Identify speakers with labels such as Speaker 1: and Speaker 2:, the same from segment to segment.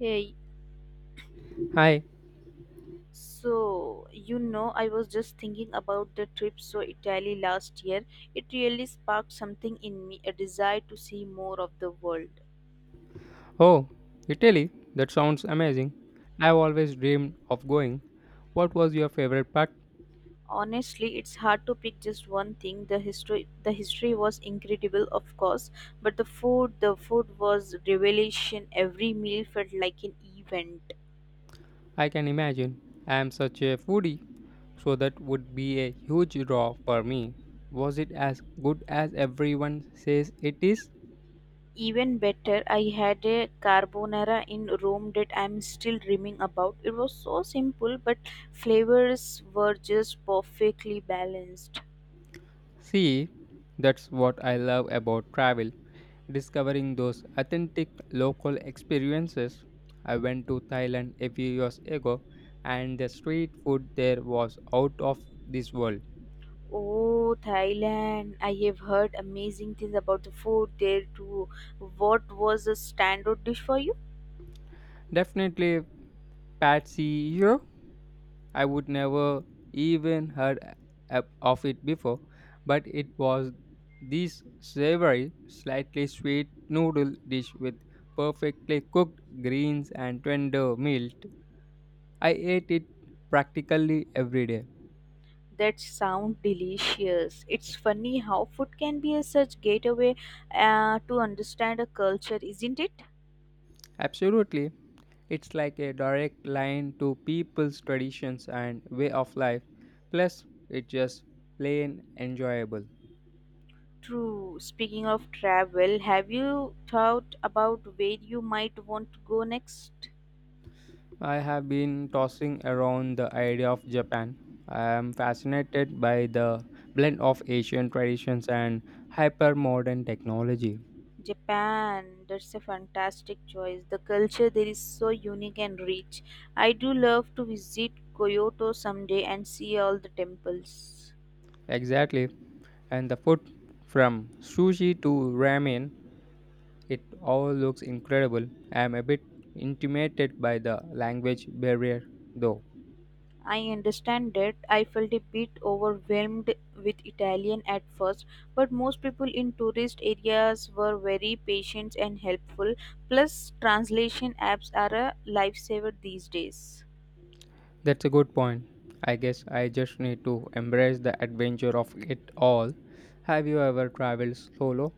Speaker 1: Hey,
Speaker 2: Hi.
Speaker 1: so you know, I was just thinking about the trip to Italy last year. It really sparked something in me, a desire to see more of the world.
Speaker 2: Oh, Italy. That sounds amazing. I've always dreamed of going. What was your favorite part?
Speaker 1: Honestly, it's hard to pick just one thing. The history was incredible, of course, but the food was revelation. Every meal felt like an event.
Speaker 2: I can imagine. I am such a foodie, so that would be a huge draw for me. Was it as good as everyone says it is?
Speaker 1: Even better, I had a carbonara in Rome that I'm still dreaming about. It was so simple, but flavors were just perfectly balanced.
Speaker 2: See, that's what I love about travel. Discovering those authentic local experiences. I went to Thailand a few years ago and the street food there was out of this world.
Speaker 1: Oh, Thailand! I have heard amazing things about the food there too. What was a standout dish for you?
Speaker 2: Definitely Patsy, you. I would never even heard of it before, but it was this savory, slightly sweet noodle dish with perfectly cooked greens and tender milk. I ate it practically every day.
Speaker 1: That sound delicious. It's funny how food can be a such gateway to understand a culture, isn't it?
Speaker 2: Absolutely. It's like a direct line to people's traditions and way of life. Plus, it's just plain enjoyable.
Speaker 1: True. Speaking of travel, have you thought about where you might want to go next?
Speaker 2: I have been tossing around the idea of Japan. I am fascinated by the blend of Asian traditions and hyper modern technology.
Speaker 1: Japan. That's a fantastic choice. The culture there is so unique and rich. I do love to visit Kyoto someday and see all the temples.
Speaker 2: Exactly. And the food from sushi to ramen, it all looks incredible. I am a bit intimidated by the language barrier, though.
Speaker 1: I understand that. I felt a bit overwhelmed with Italian at first, but most people in tourist areas were very patient and helpful. Plus, translation apps are a lifesaver these days.
Speaker 2: That's a good point. I guess I just need to embrace the adventure of it all. Have you ever traveled solo?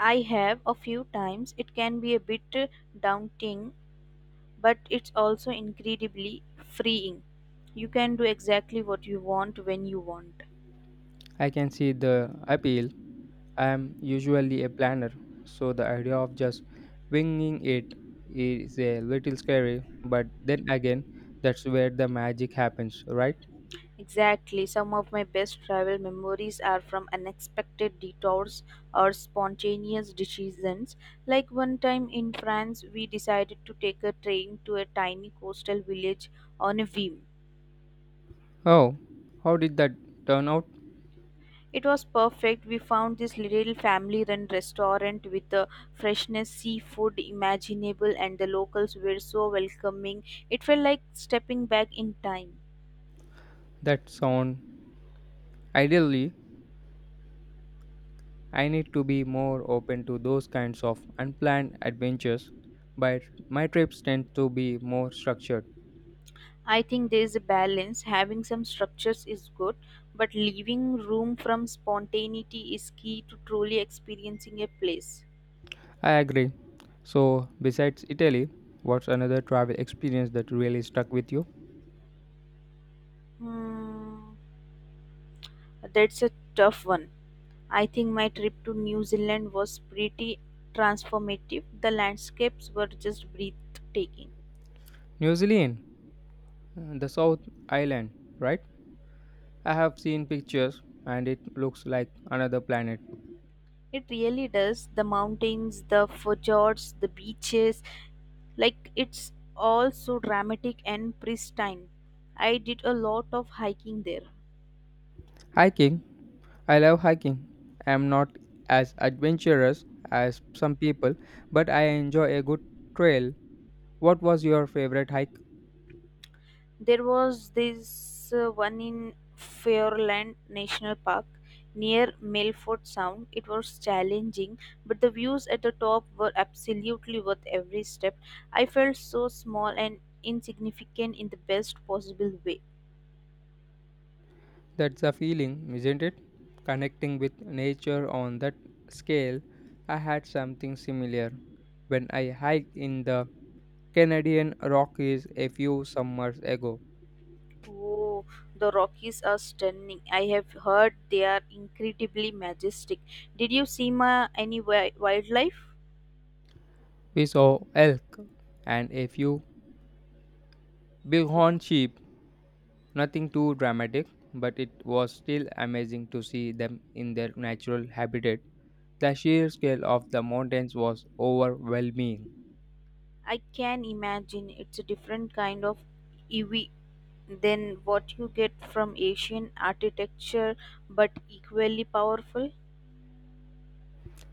Speaker 1: I have a few times. It can be a bit daunting, but it's also incredibly freeing. You can do exactly what you want when you want.
Speaker 2: I can see the appeal. I'm usually a planner, so the idea of just winging it is a little scary, but then again, that's where the magic happens, right?
Speaker 1: Exactly. Some of my best travel memories are from unexpected detours or spontaneous decisions. Like one time in France, we decided to take a train to a tiny coastal village on a whim.
Speaker 2: Oh, how did that turn out?
Speaker 1: It was perfect. We found this little family run restaurant with the freshness seafood imaginable, and the locals were so welcoming. It felt like stepping back in time.
Speaker 2: That sound ideally, I need to be more open to those kinds of unplanned adventures, but my trips tend to be more structured.
Speaker 1: I think there is a balance. Having some structures is good, but leaving room from spontaneity is key to truly experiencing a place.
Speaker 2: I agree. So, besides Italy, what's another travel experience that really stuck with you?
Speaker 1: Hmm, that's a tough one. I think my trip to New Zealand was pretty transformative. The landscapes were just breathtaking.
Speaker 2: New Zealand. The South Island, right? I have seen pictures and it looks like another planet.
Speaker 1: It really does. The mountains, the fjords, the beaches, like it's all so dramatic and pristine. I did a lot of hiking there.
Speaker 2: Hiking, I love hiking. I am not as adventurous as some people, but I enjoy a good trail. What was your favorite hike?
Speaker 1: There was this one in Fairland National Park near Milford Sound. It was challenging, but the views at the top were absolutely worth every step. I felt so small and insignificant in the best possible way.
Speaker 2: That's a feeling, isn't it? Connecting with nature on that scale. I had something similar when I hiked in the Canadian Rockies a few summers ago.
Speaker 1: Oh, the Rockies are stunning. I have heard they are incredibly majestic. Did you see any wildlife?
Speaker 2: We saw elk and a few Bighorn sheep, nothing too dramatic, but it was still amazing to see them in their natural habitat. The sheer scale of the mountains was overwhelming.
Speaker 1: I can imagine it's a different kind of EV than what you get from Asian architecture, but equally powerful.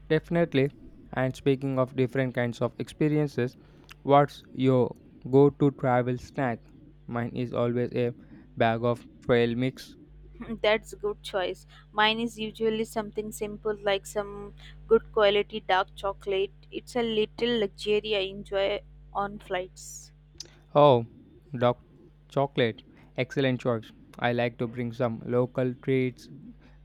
Speaker 2: Definitely. And speaking of different kinds of experiences, what's your go to travel snack? Mine is always a bag of trail mix.
Speaker 1: That's good choice. Mine is usually something simple like some good quality dark chocolate. It's a little luxury I enjoy on flights.
Speaker 2: Oh, dark chocolate. Excellent choice. I like to bring some local treats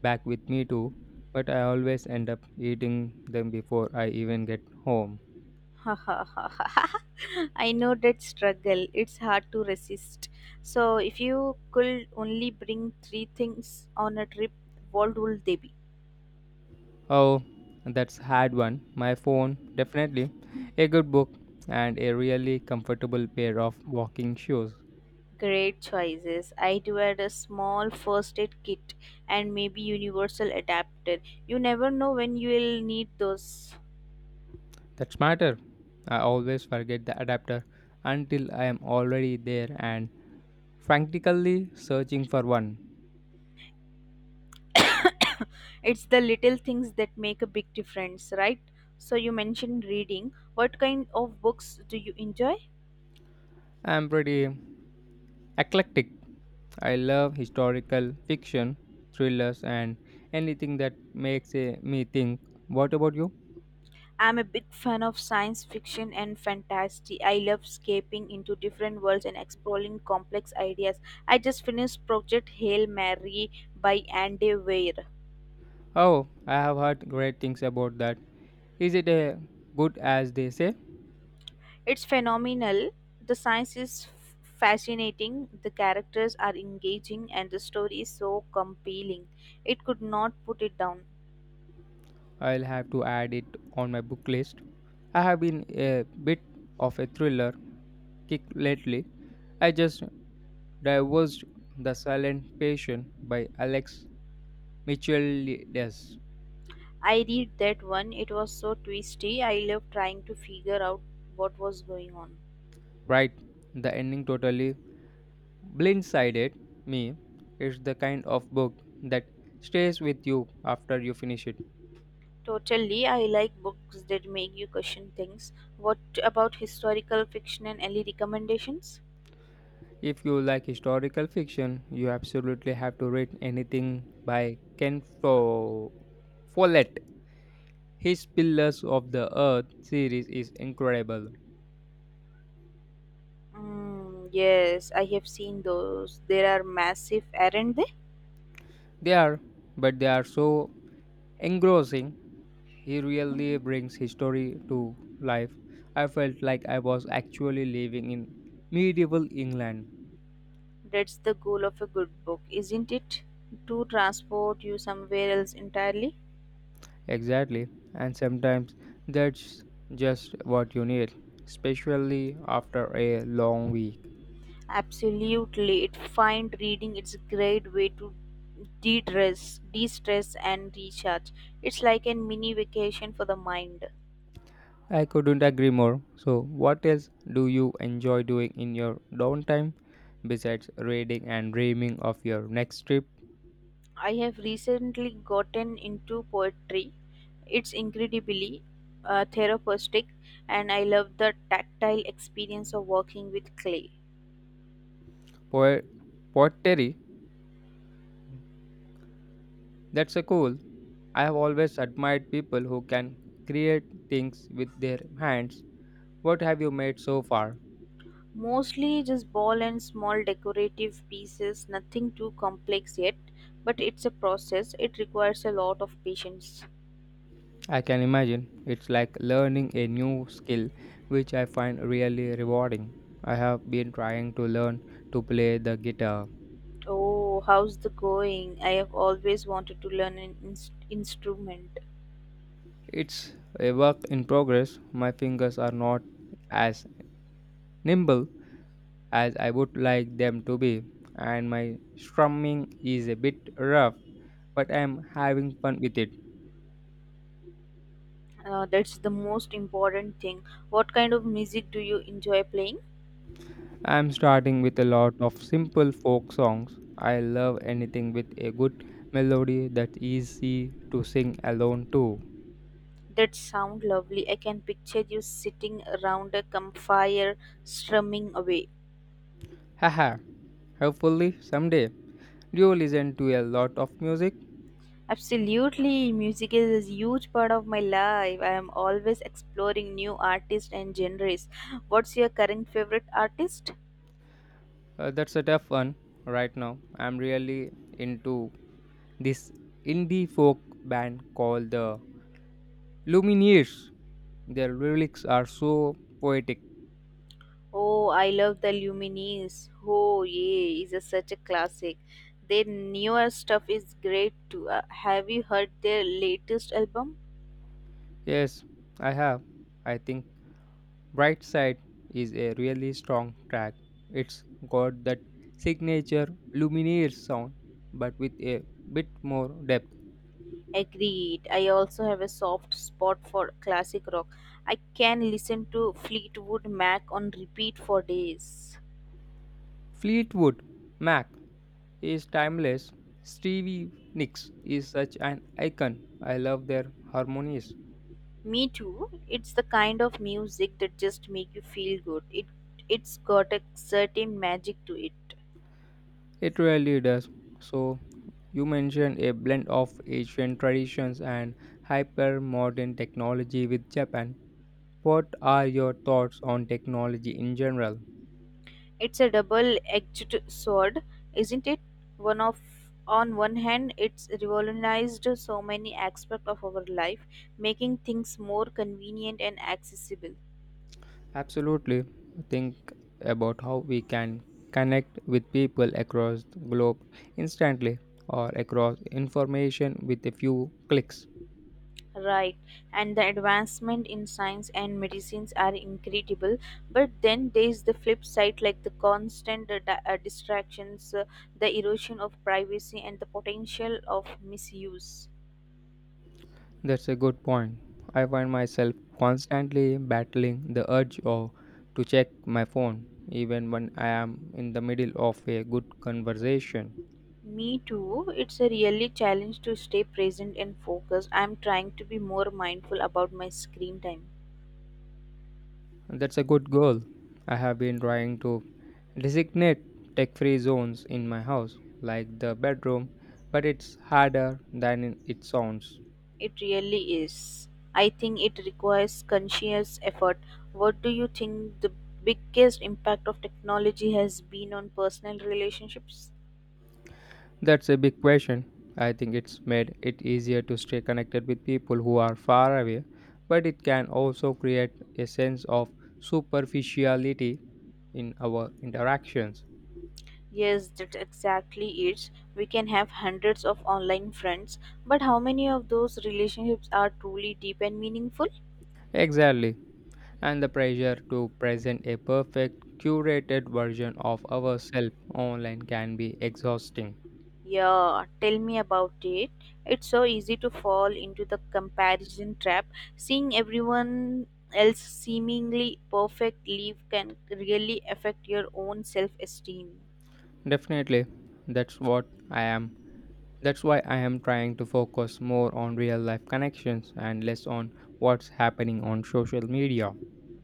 Speaker 2: back with me too, but I always end up eating them before I even get home.
Speaker 1: I know that struggle. It's hard to resist. So, if you could only bring three things on a trip, what would they be?
Speaker 2: Oh, that's hard one. My phone, definitely. A good book and a really comfortable pair of walking shoes.
Speaker 1: Great choices. I'd wear a small first aid kit and maybe universal adapter. You never know when you'll need those.
Speaker 2: That's matter. I always forget the adapter until I am already there and frantically searching for one.
Speaker 1: It's the little things that make a big difference, right? So you mentioned reading. What kind of books do you enjoy?
Speaker 2: I'm pretty eclectic. I love historical fiction, thrillers, and anything that makes me think. What about you?
Speaker 1: I'm a big fan of science fiction and fantasy. I love escaping into different worlds and exploring complex ideas. I just finished Project Hail Mary by Andy Weir.
Speaker 2: Oh, I have heard great things about that. Is it good as they say?
Speaker 1: It's phenomenal. The science is fascinating, the characters are engaging, and the story is so compelling. It could not put it down.
Speaker 2: I'll have to add it on my book list. I have been a bit of a thriller kick lately. I just divulged The Silent Patient by Alex Michelides.
Speaker 1: I read that one, it was so twisty. I loved trying to figure out what was going on.
Speaker 2: Right, the ending totally blindsided me. Is the kind of book that stays with you after you finish it.
Speaker 1: Totally, I like books that make you question things. What about historical fiction and any recommendations?
Speaker 2: If you like historical fiction, you absolutely have to read anything by Follett. His Pillars of the Earth series is incredible.
Speaker 1: Mm, yes, I have seen those. There are massive, aren't.
Speaker 2: They are, but they are so engrossing. He really brings his story to life. I felt like I was actually living in medieval England.
Speaker 1: That's the goal of a good book, isn't it? To transport you somewhere else entirely?
Speaker 2: Exactly. And sometimes that's just what you need, especially after a long week.
Speaker 1: Absolutely. It find reading it's a great way to de-stress and recharge. It's like a mini vacation for the mind.
Speaker 2: I couldn't agree more. So, what else do you enjoy doing in your downtime besides reading and dreaming of your next trip?
Speaker 1: I have recently gotten into poetry. It's incredibly therapeutic and I love the tactile experience of working with clay.
Speaker 2: Po- Pottery? That's a cool. I have always admired people who can create things with their hands. What have you made so far?
Speaker 1: Mostly just ball and small decorative pieces, nothing too complex yet, but it's a process. It requires a lot of patience.
Speaker 2: I can imagine it's like learning a new skill, which I find really rewarding. I have been trying to learn to play the guitar.
Speaker 1: Oh, how's the going? I have always wanted to learn an instrument.
Speaker 2: It's a work in progress. My fingers are not as nimble as I would like them to be, and my strumming is a bit rough, but I'm having fun with it.
Speaker 1: That's the most important thing. What kind of music do you enjoy playing?
Speaker 2: I'm starting with a lot of simple folk songs. I love anything with a good melody that is easy to sing alone too.
Speaker 1: That sound lovely. I can picture you sitting around a campfire strumming away.
Speaker 2: Haha, hopefully someday. Do you listen to a lot of music?
Speaker 1: Absolutely, music is a huge part of my life. I am always exploring new artists and genres. What's your current favorite artist?
Speaker 2: That's a tough one right now. I'm really into this indie folk band called the Lumineers. Their lyrics are so poetic.
Speaker 1: Oh, I love the Lumineers. Oh, yeah, is a, such a classic. Their newer stuff is great too. Have you heard their latest album?
Speaker 2: Yes, I have. I think Bright Side is a really strong track. It's got that signature Lumineers sound, but with a bit more depth.
Speaker 1: Agreed. I also have a soft spot for classic rock. I can listen to Fleetwood Mac on repeat for days.
Speaker 2: Fleetwood Mac is timeless. Stevie Nicks is such an icon. I love their harmonies.
Speaker 1: Me too. It's the kind of music that just make you feel good. It's got a certain magic to it.
Speaker 2: It really does. So, you mentioned a blend of Asian traditions and hyper modern technology with Japan. What are your thoughts on technology in general?
Speaker 1: It's a double-edged sword, isn't it? One of On one hand, it's revolutionized so many aspects of our life, making things more convenient and accessible.
Speaker 2: Absolutely. Think about how we can connect with people across the globe instantly or across information with a few clicks.
Speaker 1: Right, and the advancement in science and medicines are incredible, but then there's the flip side like the constant distractions, the erosion of privacy, and the potential of misuse.
Speaker 2: That's a good point. I find myself constantly battling the urge of to check my phone even when I am in the middle of a good conversation.
Speaker 1: Me too, it's a really challenge to stay present and focused. I'm trying to be more mindful about my screen time.
Speaker 2: That's a good goal. I have been trying to designate tech-free zones in my house like the bedroom, but it's harder than it sounds.
Speaker 1: It really is. I think it requires conscious effort. What do you think the biggest impact of technology has been on personal relationships?
Speaker 2: That's a big question. I think it's made it easier to stay connected with people who are far away, but it can also create a sense of superficiality in our interactions.
Speaker 1: Yes, that's exactly it. We can have hundreds of online friends, but how many of those relationships are truly deep and meaningful?
Speaker 2: Exactly. And the pressure to present a perfect, curated version of ourselves online can be exhausting.
Speaker 1: Yeah, tell me about it. It's so easy to fall into the comparison trap. Seeing everyone else seemingly perfect live can really affect your own self-esteem.
Speaker 2: Definitely. That's what I am. That's why I am trying to focus more on real life connections and less on what's happening on social media.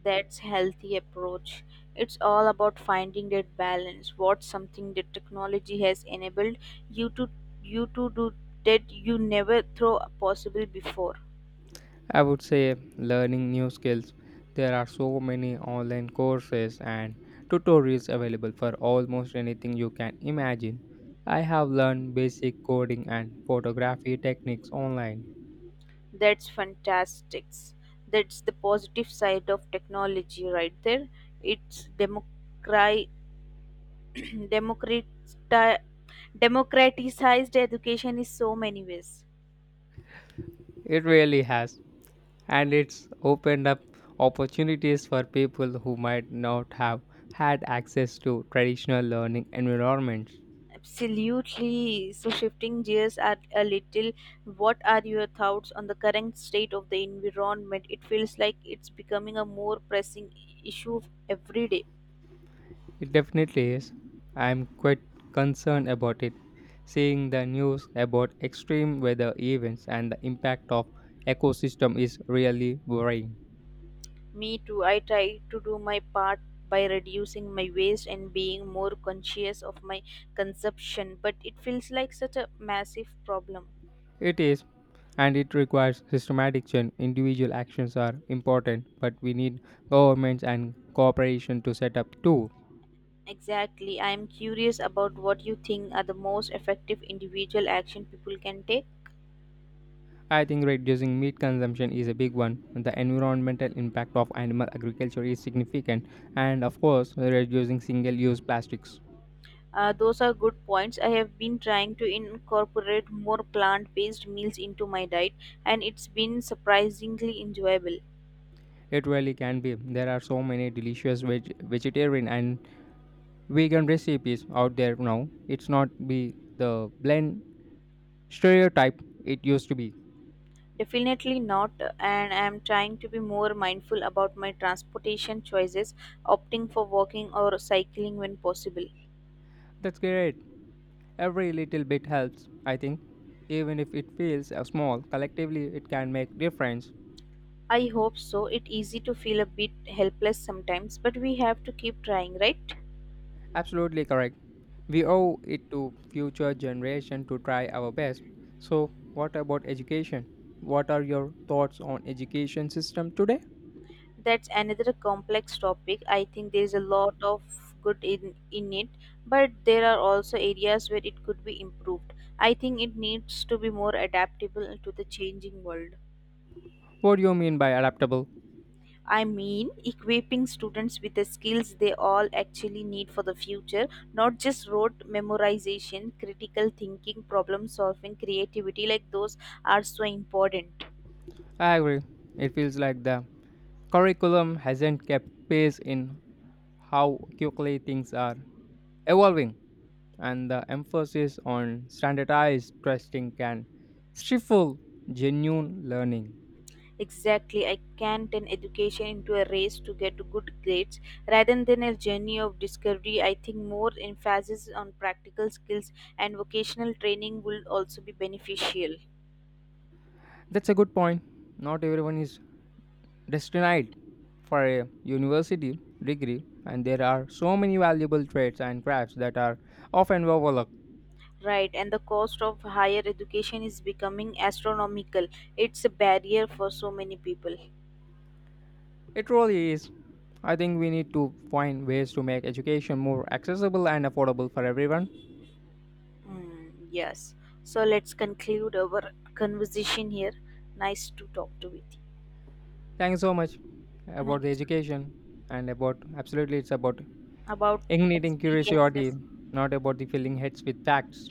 Speaker 1: That's healthy approach. It's all about finding that balance. What's something that technology has enabled you to you to do that you never throw possible before.
Speaker 2: I would say learning new skills. There are so many online courses and tutorials available for almost anything you can imagine. I have learned basic coding and photography techniques online.
Speaker 1: That's fantastic! That's the positive side of technology right there. It's democrati- democratized education in so many ways.
Speaker 2: It really has, and it's opened up opportunities for people who might not have had access to traditional learning environments.
Speaker 1: Absolutely. So shifting gears at a little, what are your thoughts on the current state of the environment? It feels like it's becoming a more pressing issue every day.
Speaker 2: It definitely is. I'm quite concerned about it. Seeing the news about extreme weather events and the impact of ecosystem is really worrying.
Speaker 1: Me too. I try to do my part by reducing my waste and being more conscious of my consumption, but it feels like such a massive problem.
Speaker 2: It is and it requires systematic change. Individual actions are important, but we need governments and cooperation to set up too.
Speaker 1: Exactly. I am curious about what you think are the most effective individual action people can take.
Speaker 2: I think reducing meat consumption is a big one. The environmental impact of animal agriculture is significant, and of course, reducing single use plastics.
Speaker 1: Those are good points. I have been trying to incorporate more plant based meals into my diet, and it's been surprisingly enjoyable.
Speaker 2: It really can be. There are so many delicious vegetarian and vegan recipes out there now. It's not be the blend stereotype it used to be.
Speaker 1: Definitely not, and I am trying to be more mindful about my transportation choices, opting for walking or cycling when possible.
Speaker 2: That's great. Every little bit helps, I think. Even if it feels small, collectively it can make difference.
Speaker 1: I hope so. It's easy to feel a bit helpless sometimes, but we have to keep trying, right?
Speaker 2: Absolutely correct. We owe it to future generation to try our best. So, what about education? What are your thoughts on education system today?
Speaker 1: That's another complex topic. I think there is a lot of good in it, but there are also areas where it could be improved. I think it needs to be more adaptable to the changing world.
Speaker 2: What do you mean by adaptable?
Speaker 1: I mean, equipping students with the skills they all actually need for the future, not just rote memorization, critical thinking, problem solving, creativity, like those are so important.
Speaker 2: I agree. It feels like the curriculum hasn't kept pace in how quickly things are evolving, and the emphasis on standardized testing can stifle genuine learning.
Speaker 1: Exactly, I can turn education into a race to get good grades rather than a journey of discovery. I think more emphasis on practical skills and vocational training will also be beneficial.
Speaker 2: That's a good point. Not everyone is destined for a university degree, and there are so many valuable trades and crafts that are often overlooked.
Speaker 1: Right, and the cost of higher education is becoming astronomical. It's a barrier for so many people.
Speaker 2: It really is. I think we need to find ways to make education more accessible and affordable for everyone.
Speaker 1: Mm, yes. So let's conclude our conversation here. Nice to talk to with you.
Speaker 2: Thank you so much about
Speaker 1: Thank
Speaker 2: the
Speaker 1: you so
Speaker 2: education and about absolutely it's about
Speaker 1: much. About
Speaker 2: igniting curiosity,
Speaker 1: experiences.
Speaker 2: not about the filling heads with facts.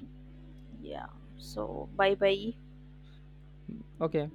Speaker 1: Yeah. So bye bye.
Speaker 2: Okay.